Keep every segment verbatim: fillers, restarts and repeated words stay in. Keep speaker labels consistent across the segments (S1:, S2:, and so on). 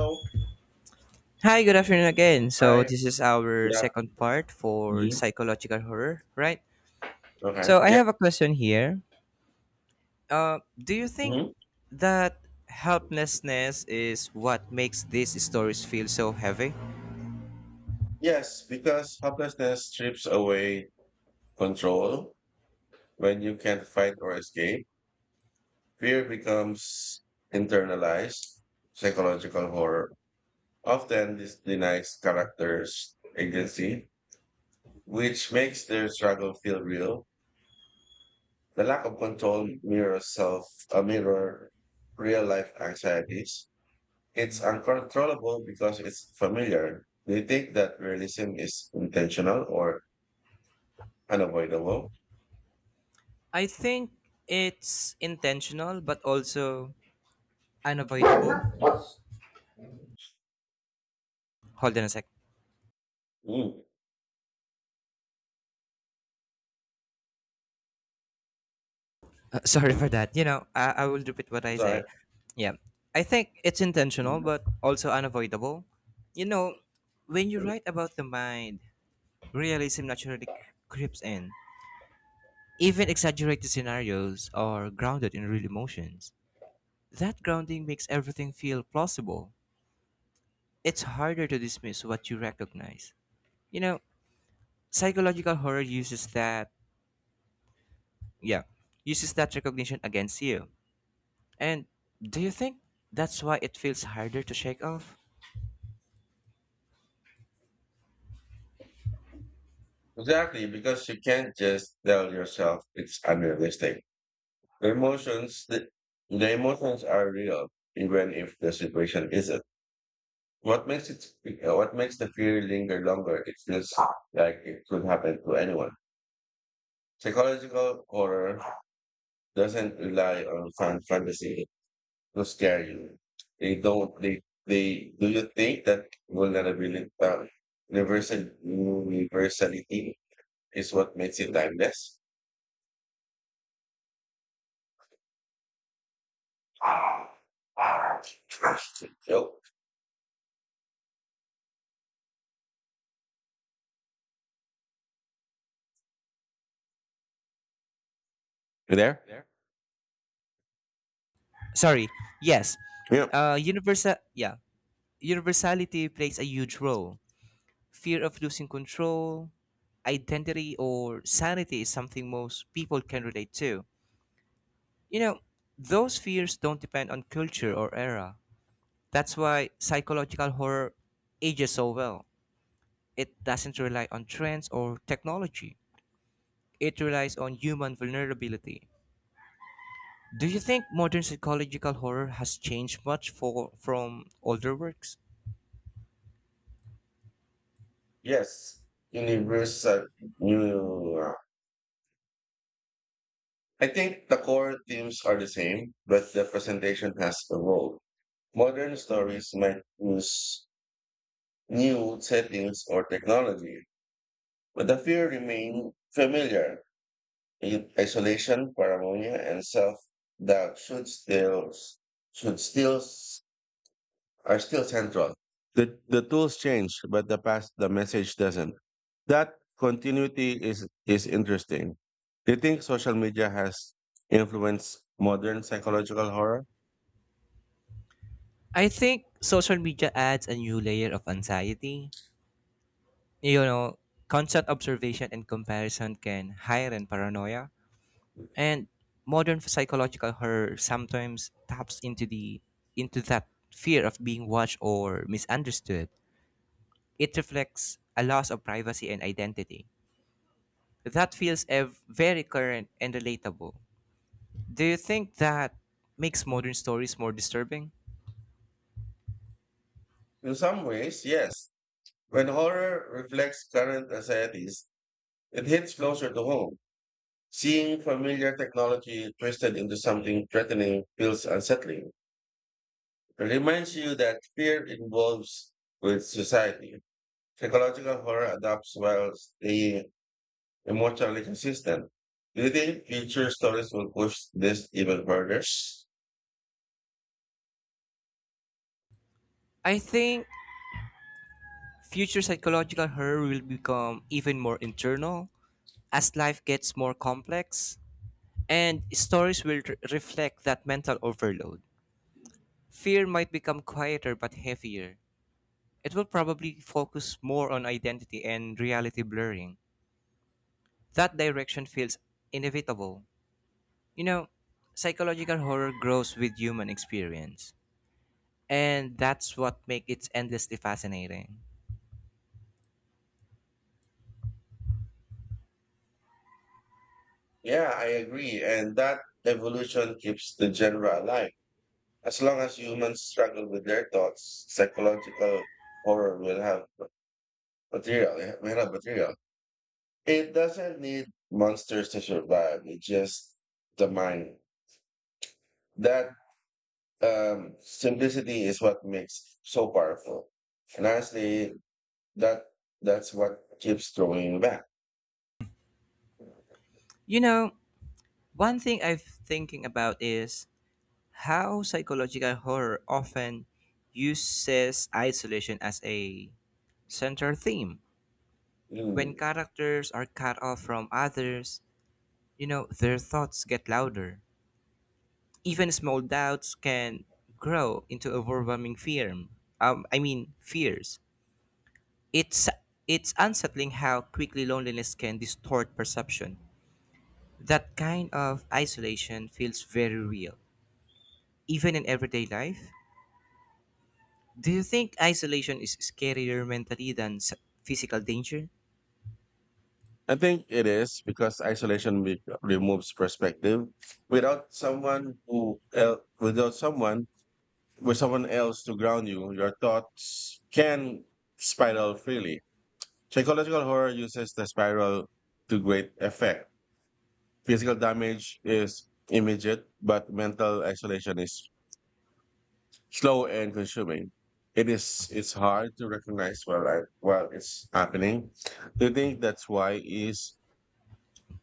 S1: So,
S2: Hi, good afternoon again. So,
S1: I...
S2: this is our
S1: Yeah.
S2: second part for
S1: hmm
S2: psychological horror, right?
S1: Okay.
S2: So, I
S1: Yep.
S2: have a question here. Uh, do you think
S1: hmm
S2: that helplessness is what makes these stories feel so heavy?
S1: Yes, because helplessness strips away control. When you can't fight or escape, fear becomes internalized psychological horror. Often this denies characters agency, which makes their struggle feel real. The lack of control mirrors self, a mirror real life anxieties. It's uncontrollable because it's familiar. Do you think that realism is intentional or unavoidable?
S2: I think it's intentional but also unavoidable. Hold on a sec.
S1: Mm.
S2: Uh, sorry for that. You know, I, I will repeat what I
S1: Sorry.
S2: say. Yeah. I think it's intentional but also unavoidable. You know, when you write about the mind, realism naturally c- creeps in. Even exaggerated scenarios are grounded in real emotions. That grounding makes everything feel plausible. It's harder to dismiss what you recognize. You know, psychological horror uses that, yeah, uses that recognition against you. And do you think that's why it feels harder to shake off?
S1: Exactly, because you can't just tell yourself it's unrealistic. The emotions, the, the emotions are real, even if the situation isn't. What makes it, what makes the fear linger longer? It feels like it could happen to anyone. Psychological horror doesn't rely on fan fantasy to scare you. They don't. They they. Do you think that vulnerability, uh, universal universality, is what makes it timeless? Yo, you there? There.
S2: Sorry, yes.
S1: Yeah,
S2: Uh, universal, yeah, Universality plays a huge role. Fear of losing control, identity, or sanity is something most people can relate to. You know, those fears don't depend on culture or era. That's why psychological horror ages so well. It doesn't rely on trends or technology, it relies on human vulnerability. Do you think modern psychological horror has changed much for, from older works?
S1: yes, universal. You. I think the core themes are the same, but the presentation has evolved. Modern stories might use new settings or technology, but the fear remains familiar. I- Isolation, paranoia, and self-doubt should still should still s- are still central. The the tools change, but the past the message doesn't. That continuity is is interesting. Do you think social media has influenced modern psychological horror?
S2: I think social media adds a new layer of anxiety. You know, constant observation and comparison can heighten paranoia, and modern psychological horror sometimes taps into the into that fear of being watched or misunderstood. It reflects a loss of privacy and identity. That feels ev- very current and relatable. Do you think that makes modern stories more disturbing?
S1: In some ways, yes. When horror reflects current anxieties, it hits closer to home. Seeing familiar technology twisted into something threatening feels unsettling. Reminds you that fear involves with society. Psychological horror adapts while staying emotionally consistent. Do you think future stories will push this even further?
S2: I think future psychological horror will become even more internal as life gets more complex, and stories will re- reflect that mental overload. Fear might become quieter but heavier. It will probably focus more on identity and reality blurring. That direction feels inevitable. You know, psychological horror grows with human experience. And that's what makes it endlessly fascinating.
S1: Yeah, I agree. And that evolution keeps the genre alive. As long as humans struggle with their thoughts, psychological horror will have material. It will have material. It doesn't need monsters to survive. It's just the mind. That um, simplicity is what makes so powerful. And honestly, that that's what keeps throwing me back.
S2: You know, one thing I'm thinking about is how psychological horror often uses isolation as a central theme. When
S1: Mm.
S2: characters are cut off from others, you know, their thoughts get louder. Even small doubts can grow into overwhelming fear. Um, I mean, fears. It's it's unsettling how quickly loneliness can distort perception. That kind of isolation feels very real, even in everyday life. Do you think isolation is scarier mentally than s- physical danger?
S1: I think it is because isolation re- removes perspective. Without someone who el- without someone with someone else to ground you, your thoughts can spiral freely. Psychological horror uses the spiral to great effect. Physical damage is immediate, but mental isolation is slow and consuming. It is it's hard to recognize while I, while it's happening. Do you think that's why is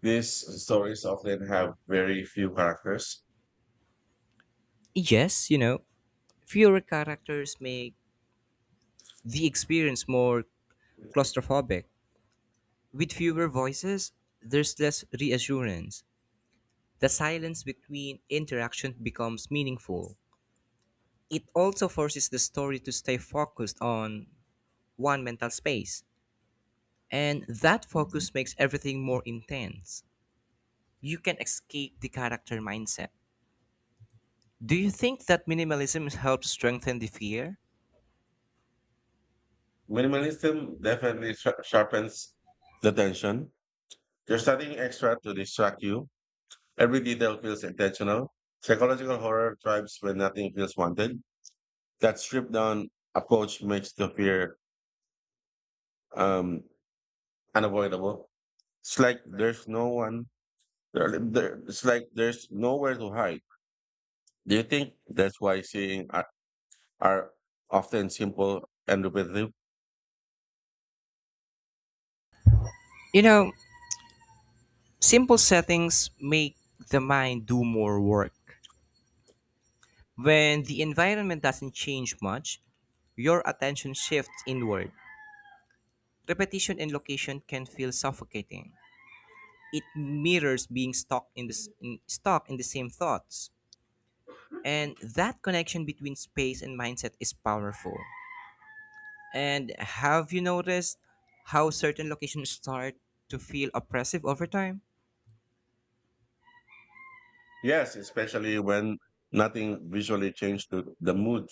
S1: these stories often have very few characters?
S2: Yes, you know, fewer characters make the experience more claustrophobic. With fewer voices, there's less reassurance. The silence between interaction becomes meaningful. It also forces the story to stay focused on one mental space, and that focus makes everything more intense. You can escape the character mindset. Do you think that minimalism helps strengthen the fear?
S1: Minimalism definitely sha- sharpens the tension. You're studying extra to distract you. Every detail feels intentional. Psychological horror thrives when nothing feels wanted. That stripped down approach makes the fear um, unavoidable. It's like there's no one. There, there, it's like there's nowhere to hide. Do you think that's why seeing are, are often simple and repetitive?
S2: You know, simple settings make the mind do more work. When the environment doesn't change much, your attention shifts inward. Repetition and location can feel suffocating. It mirrors being stuck in the s- in, stuck in the same thoughts. And that connection between space and mindset is powerful. And have you noticed how certain locations start to feel oppressive over time?
S1: Yes, especially when nothing visually changed To the mood,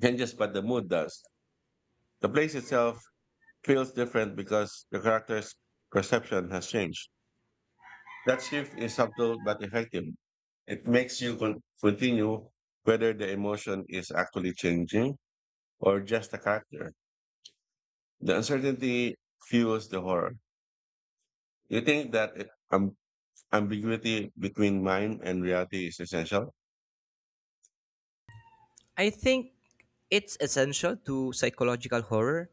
S1: changes, but the mood does. The place itself feels different because the character's perception has changed. That shift is subtle but effective. It makes you con- continue whether the emotion is actually changing or just a character. The uncertainty fuels the horror. You think that it- um, ambiguity between mind and reality is essential?
S2: I think it's essential to psychological horror.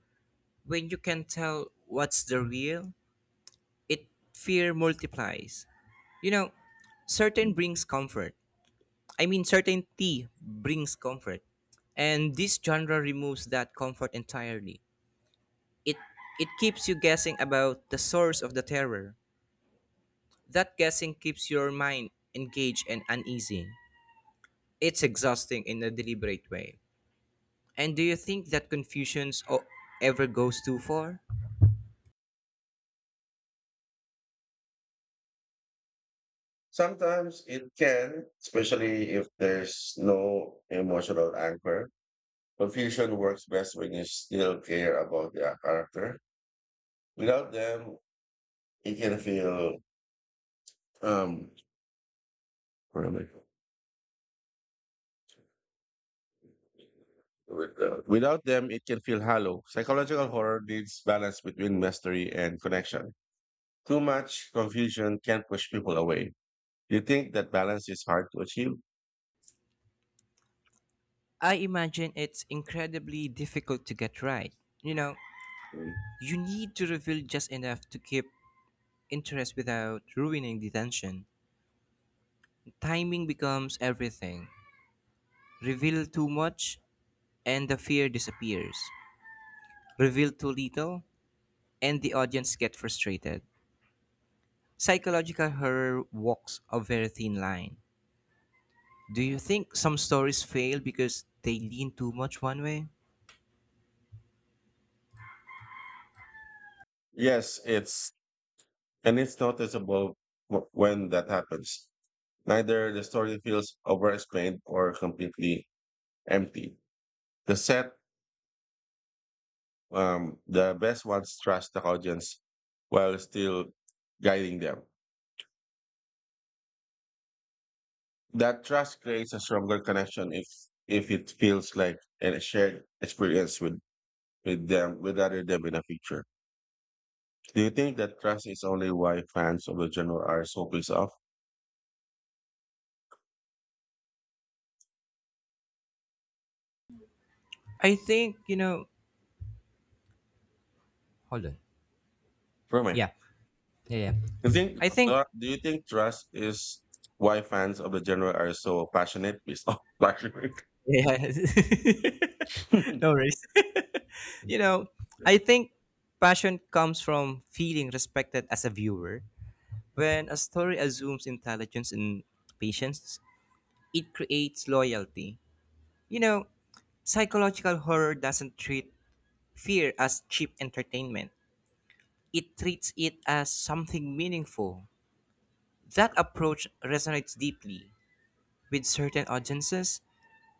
S2: When you can tell what's the real, it fear multiplies. You know, certain brings comfort. I mean, certainty brings comfort. And this genre removes that comfort entirely. It it keeps you guessing about the source of the terror. That guessing keeps your mind engaged and uneasy. It's exhausting in a deliberate way. And do you think that confusions o- ever goes too far?
S1: Sometimes it can, especially if there's no emotional anchor. Confusion works best when you still care about the character. Without them, it can feel um where am I? With, uh, without them, it can feel hollow. Psychological horror needs balance between mystery and connection. Too much confusion can push people away. You think that balance is hard to achieve?
S2: I imagine it's incredibly difficult to get right. You know,
S1: Mm.
S2: you need to reveal just enough to keep interest without ruining the tension. Timing becomes everything. Reveal too much and the fear disappears. Reveal too little and the audience get frustrated. Psychological horror walks a very thin line. Do you think some stories fail because they lean too much one way?
S1: Yes, it's and it's noticeable wh- when that happens. Neither the story feels overexplained or completely empty. The set, um, the best ones trust the audience while still guiding them. That trust creates a stronger connection if if it feels like a shared experience with with them, with other them in the future. Do you think that trust is only why fans of the genre are so pissed off?
S2: I think, you know, Hold on.
S1: For me,
S2: Yeah. Yeah, yeah.
S1: do you think
S2: I think
S1: uh, do you think trust is why fans of the genre are so passionate pissed off? Passionate.
S2: yeah. no worries. You know, I think passion comes from feeling respected as a viewer. When a story assumes intelligence and patience, it creates loyalty. You know, psychological horror doesn't treat fear as cheap entertainment, it treats it as something meaningful. That approach resonates deeply. With certain audiences,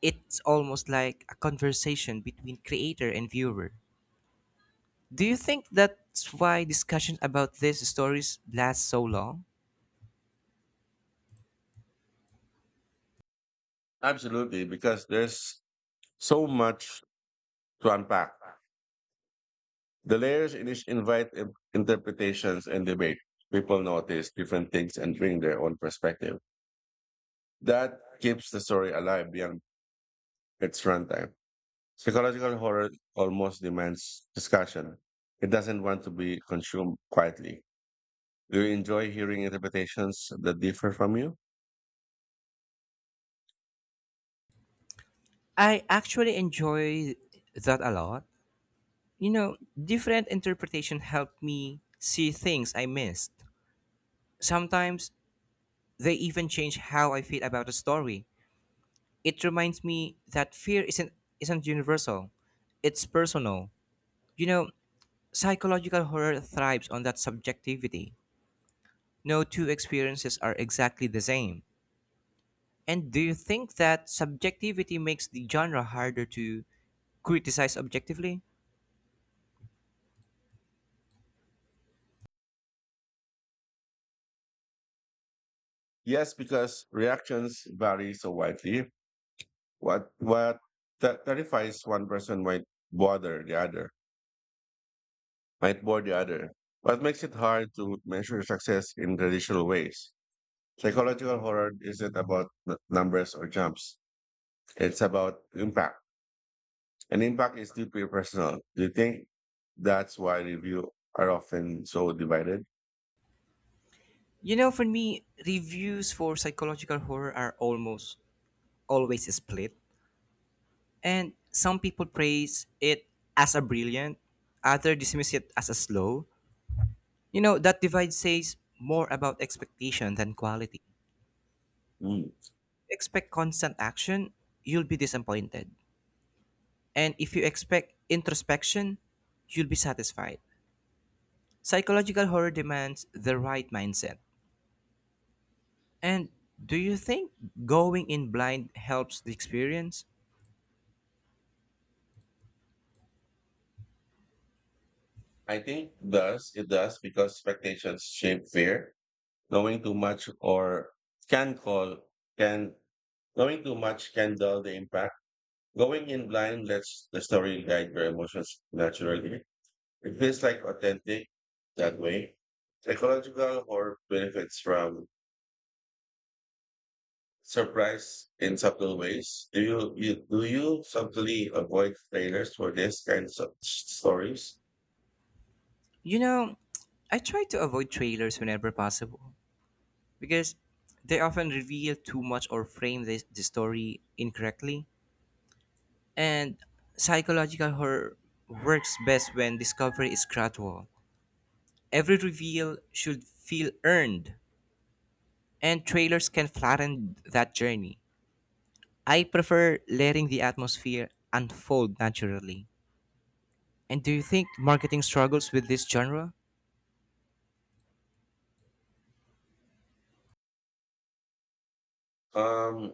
S2: it's almost like a conversation between creator and viewer. Do you think that's why discussion about these stories last so long?
S1: Absolutely, because there's so much to unpack. The layers in each invite in- interpretations and debate. People notice different things and bring their own perspective. That keeps the story alive beyond its runtime. Psychological horror almost demands discussion. It doesn't want to be consumed quietly. Do you enjoy hearing interpretations that differ from you?
S2: I actually enjoy that a lot. You know, different interpretation help me see things I missed. Sometimes they even change how I feel about a story. It reminds me that fear isn't isn't universal. It's personal. You know, psychological horror thrives on that subjectivity. No two experiences are exactly the same. And do you think that subjectivity makes the genre harder to criticize objectively?
S1: Yes, because reactions vary so widely. What what ter- terrifies one person might bother the other, might bore the other. What makes it hard to measure success in traditional ways? Psychological horror isn't about n- numbers or jumps. It's about impact. And impact is deeply personal. Do you think that's why review are often so divided?
S2: You know, for me, reviews for psychological horror are almost always split. And some people praise it as a brilliant, others dismiss it as a slow. You know, that divide says more about expectation than quality.
S1: Mm.
S2: Expect constant action, you'll be disappointed. And if you expect introspection, you'll be satisfied. Psychological horror demands the right mindset. And do you think going in blind helps the experience?
S1: I think does it does because expectations shape fear. Knowing too much or can call can knowing too much can dull the impact. Going in blind lets the story guide your emotions naturally. It feels like authentic that way. Psychological horror benefits from surprise in subtle ways. Do you, you do you subtly avoid trailers for this kinds of s- stories?
S2: You know, I try to avoid trailers whenever possible because they often reveal too much or frame the, the story incorrectly. And psychological horror works best when discovery is gradual. Every reveal should feel earned, and trailers can flatten that journey. I prefer letting the atmosphere unfold naturally. And do you think marketing struggles with this genre?
S1: Um,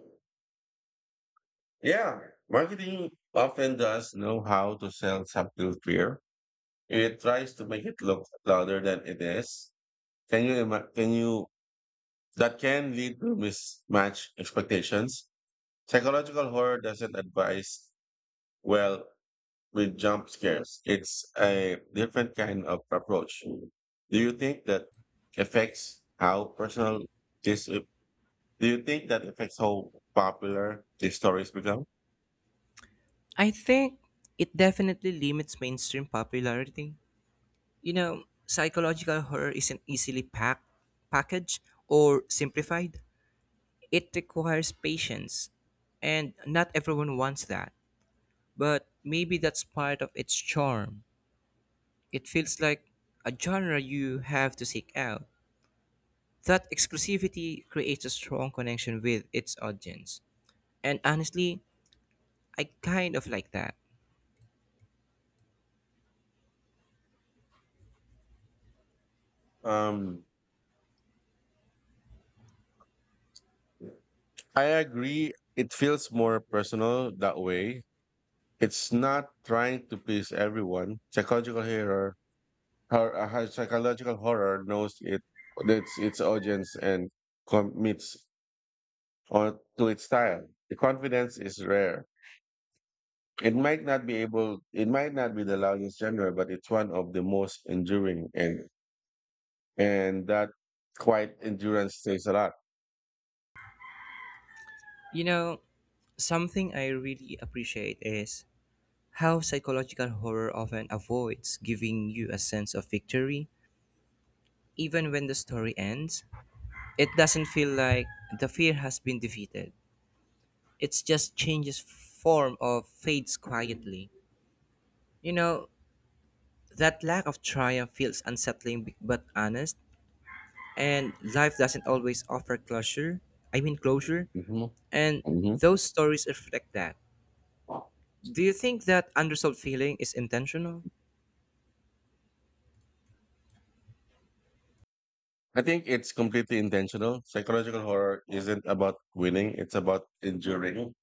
S1: yeah, marketing often does know how to sell subtle fear. It tries to make it look louder than it is. Can you ima- can you that can lead to mismatched expectations? Psychological horror doesn't advise well with jump scares. It's a different kind of approach. Do you think that affects how personal this? Do you think that affects how popular these stories become?
S2: I think it definitely limits mainstream popularity. You know, psychological horror isn't easily pack- packaged or simplified. It requires patience, and not everyone wants that. But maybe that's part of its charm. It feels like a genre you have to seek out. That exclusivity creates a strong connection with its audience. And honestly, I kind of like that.
S1: Um, I agree. It feels more personal that way. It's not trying to please everyone. Psychological horror, hor- uh, hi- psychological horror knows it its its audience and commits on to its style. The confidence is rare. It might not be able, it might not be the loudest genre, but it's one of the most enduring, and and that quiet endurance says a lot.
S2: You know, something I really appreciate is how psychological horror often avoids giving you a sense of victory. Even when the story ends, it doesn't feel like the fear has been defeated. It just changes form or fades quietly. You know, that lack of triumph feels unsettling b- but honest, and life doesn't always offer closure. I mean, closure,
S1: hmm
S2: and
S1: hmm
S2: those stories reflect that. Do you think that unresolved feeling is intentional?
S1: I think it's completely intentional. Psychological horror isn't about winning; it's about enduring.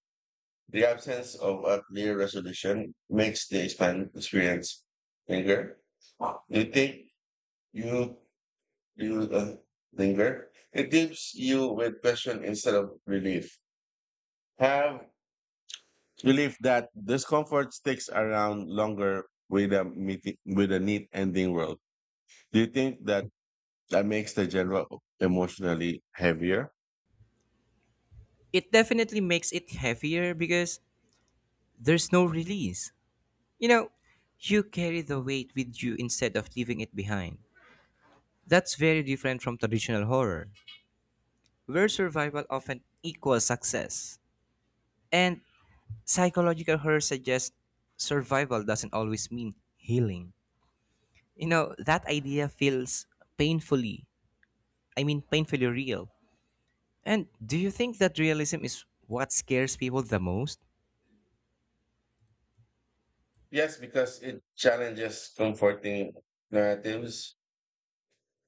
S1: The absence of a clear resolution makes the expan- experience linger. Do you think you you uh, linger? It gives you with question instead of relief. Have Relief that discomfort sticks around longer with a meeting, with a neat ending world. Do you think that that makes the genre emotionally heavier?
S2: It definitely makes it heavier because there's no release. You know, you carry the weight with you instead of leaving it behind. That's very different from traditional horror, where survival often equals success. And psychological horror suggests survival doesn't always mean healing. You know, that idea feels painfully, I mean, painfully real. And do you think that realism is what scares people the most?
S1: Yes, because it challenges comforting narratives.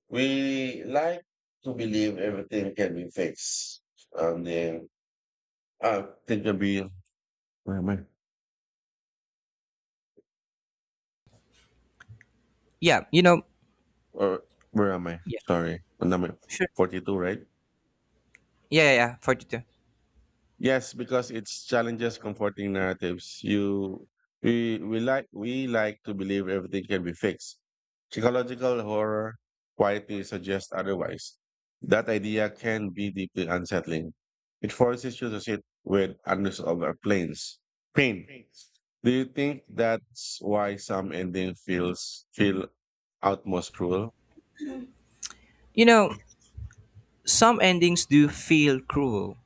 S1: We like to believe everything can be fixed. Um, then I think it'll be where am I?
S2: Yeah, you know,
S1: Or where am I?
S2: yeah,
S1: Sorry, number
S2: sure.
S1: forty-two, right?
S2: Yeah, yeah, yeah, forty-two.
S1: Yes, because it's challenges comforting narratives. You we we like we like to believe everything can be fixed. Psychological horror quietly suggests otherwise. That idea can be deeply unsettling. It forces you to sit with unresolved planes. Pain. Do you think that's why some ending feels feel outmost cruel?
S2: You know, some endings do feel cruel,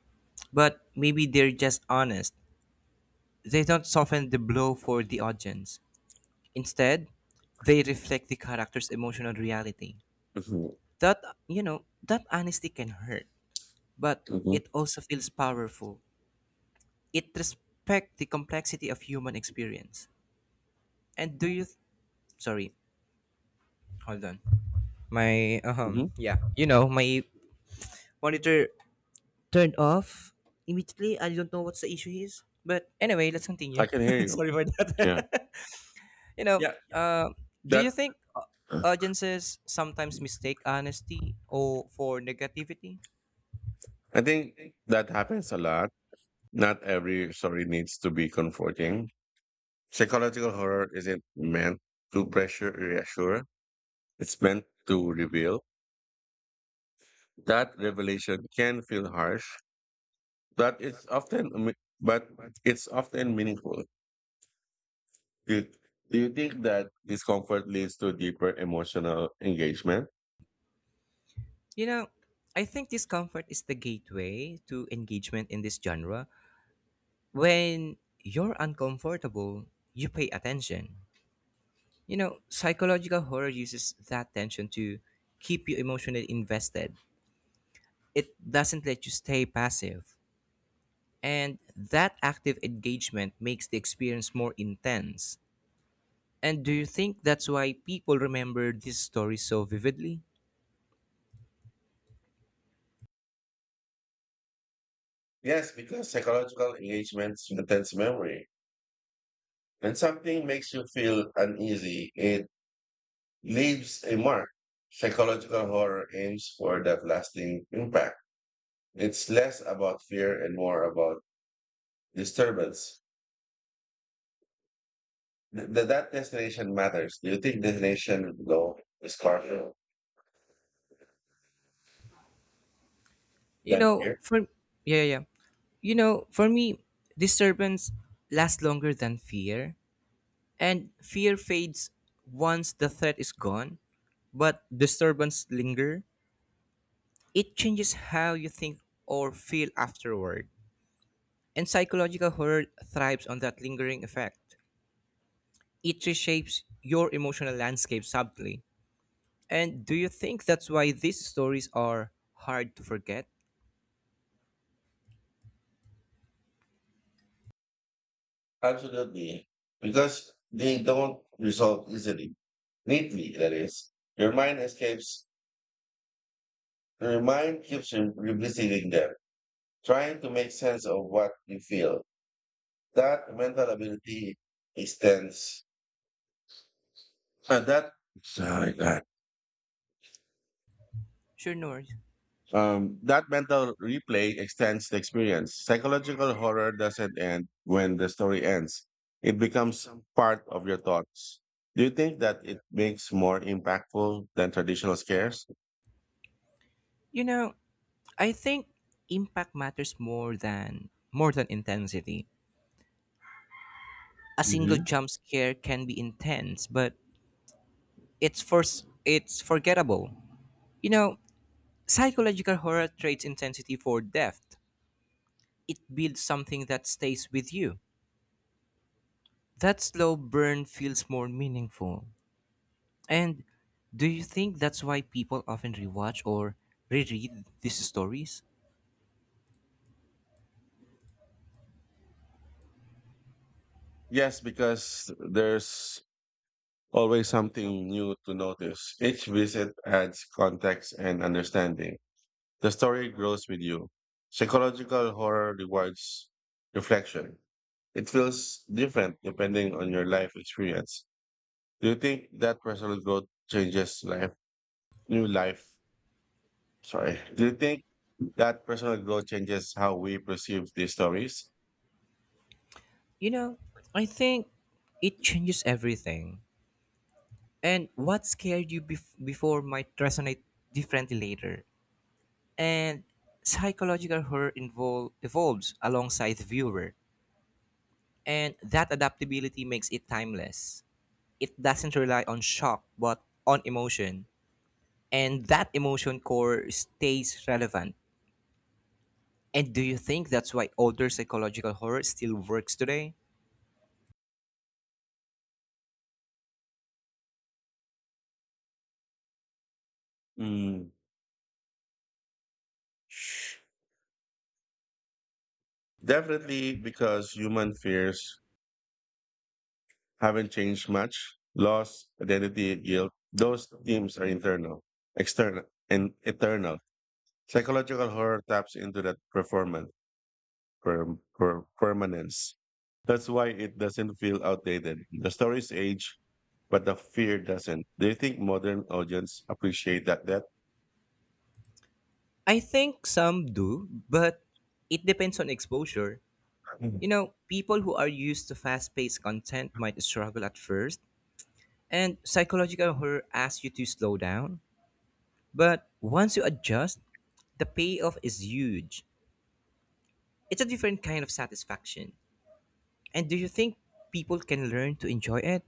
S2: but maybe they're just honest. They don't soften the blow for the audience. Instead, they reflect the character's emotional reality.
S1: hmm
S2: That, you know, that honesty can hurt, but
S1: hmm
S2: it also feels powerful. It respects the complexity of human experience. And do you, sorry, hold on. My, um,
S1: hmm
S2: yeah, you know, my monitor turned off immediately. I don't know what's the issue is. But anyway, let's
S1: I
S2: continue.
S1: can hear you.
S2: Sorry for
S1: Yeah.
S2: that. you know,
S1: Yeah.
S2: uh, do
S1: That
S2: you think au- audiences sometimes mistake honesty or for negativity?
S1: I think that happens a lot. Not every story needs to be comforting. Psychological horror isn't meant to pressure or reassure. It's meant to reveal. That revelation can feel harsh, but it's often but it's often meaningful. Do do you think that discomfort leads to deeper emotional engagement?
S2: You know, I think discomfort is the gateway to engagement in this genre. When you're uncomfortable, you pay attention. You know, psychological horror uses that tension to keep you emotionally invested. It doesn't let you stay passive. And that active engagement makes the experience more intense. And do you think that's why people remember this story so vividly?
S1: Yes, because psychological engagement strengthens memory. When something makes you feel uneasy, it leaves a mark. Psychological horror aims for that lasting impact. It's less about fear and more about disturbance. Th- th- that destination matters. Do you think destination though is harder
S2: You
S1: than
S2: know,
S1: fear?
S2: for yeah, yeah. yeah. You know, for me, disturbance lasts longer than fear, and fear fades once the threat is gone, but disturbance linger. It changes how you think or feel afterward. And psychological horror thrives on that lingering effect. It reshapes your emotional landscape subtly. And do you think that's why these stories are hard to forget?
S1: Absolutely, because they don't resolve easily, neatly. That is, your mind escapes. Your mind keeps re- revisiting them, trying to make sense of what you feel. That mental ability extends. And that. Sorry, guys.
S2: Sure, Nor.
S1: Um, that mental replay extends the experience. Psychological horror doesn't end when the story ends, it becomes part of your thoughts. Do you think that it makes more impactful than traditional scares?
S2: You know, I think impact matters more than more than intensity. A single
S1: hmm
S2: jump scare can be intense, but it's first it's forgettable. You know, psychological horror trades intensity for depth. It builds something that stays with you. That slow burn feels more meaningful. And do you think that's why people often rewatch or reread these stories?
S1: Yes, because there's always something new to notice. Each visit adds context and understanding. The story grows with you. Psychological horror rewards reflection. It feels different depending on your life experience. Do you think that personal growth changes life, new life? Sorry. Do you think that personal growth changes how we perceive these stories?
S2: You know, I think it changes everything. And what scared you bef- before might resonate differently later. And psychological horror invol- evolves alongside the viewer. And that adaptability makes it timeless. It doesn't rely on shock, but on emotion. And that emotion core stays relevant. And do you think that's why older psychological horror still works today?
S1: Mm. Definitely because human fears haven't changed much. Loss, identity, guilt, those themes are internal, external, and eternal. Psychological horror taps into that performance. per, per, permanence. That's why it doesn't feel outdated. The stories age, but the fear doesn't. Do you think modern audience appreciate that That
S2: I think some do, but it depends on exposure. You
S1: Mm.
S2: know, people who are used to fast paced content might struggle at first, and psychological horror asks you to slow down. But once you adjust, the payoff is huge. It's a different kind of satisfaction. And do you think people can learn to enjoy it?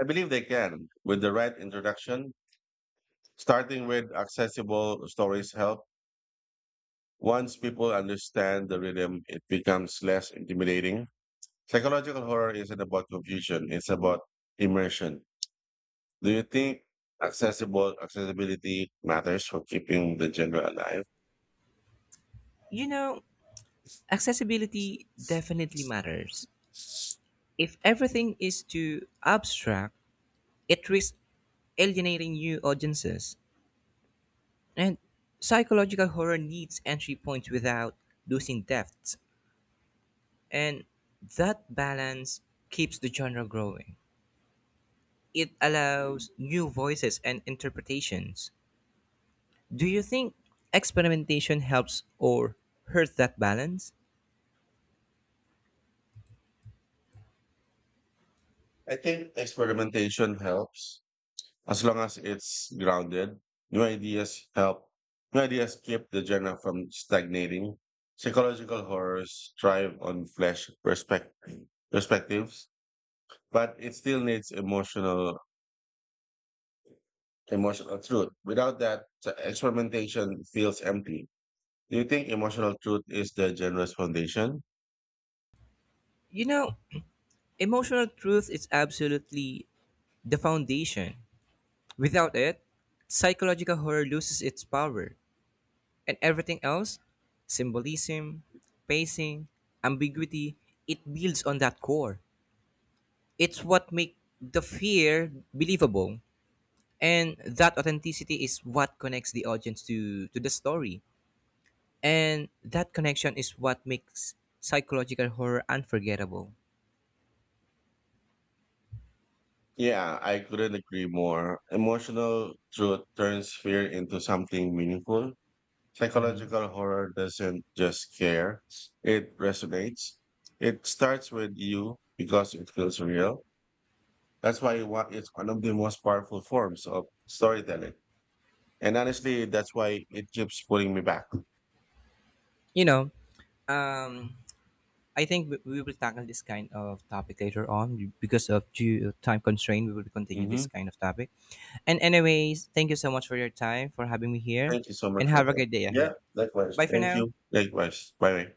S1: I believe they can with the right introduction. Starting with accessible stories help. Once people understand the rhythm, it becomes less intimidating. Psychological horror isn't about confusion; it's about immersion. Do you think accessible accessibility matters for keeping the genre alive?
S2: You know, accessibility definitely matters. If everything is too abstract, it risks alienating new audiences, and psychological horror needs entry points without losing depth, and that balance keeps the genre growing. It allows new voices and interpretations. Do you think experimentation helps or hurts that balance?
S1: I think experimentation helps as long as it's grounded. New ideas help. New ideas keep the genre from stagnating. Psychological horrors thrive on flesh perspect- perspectives, but it still needs emotional emotional truth. Without that, experimentation feels empty. Do you think emotional truth is the genre's foundation?
S2: You know, emotional truth is absolutely the foundation. Without it, psychological horror loses its power. And everything else, symbolism, pacing, ambiguity, it builds on that core. It's what makes the fear believable. And that authenticity is what connects the audience to, to the story. And that connection is what makes psychological horror unforgettable.
S1: Yeah, I couldn't agree more. Emotional truth turns fear into something meaningful.
S2: You
S1: Psychological horror doesn't just scare, it resonates. It starts with you because it feels real. That's why it wa- It's one of the most powerful forms of storytelling. And honestly, that's why it keeps pulling me back.
S2: know, um, I think we we will tackle this kind of topic later on because of due time constraint. We will continue this
S1: hmm
S2: kind of topic. And anyways, thank you so much for your time for having me here,
S1: Thank you so much
S2: and
S1: for
S2: have a
S1: that.
S2: great day
S1: Yeah,
S2: ahead.
S1: likewise.
S2: Bye for
S1: Thank
S2: now.
S1: you. Likewise. Bye.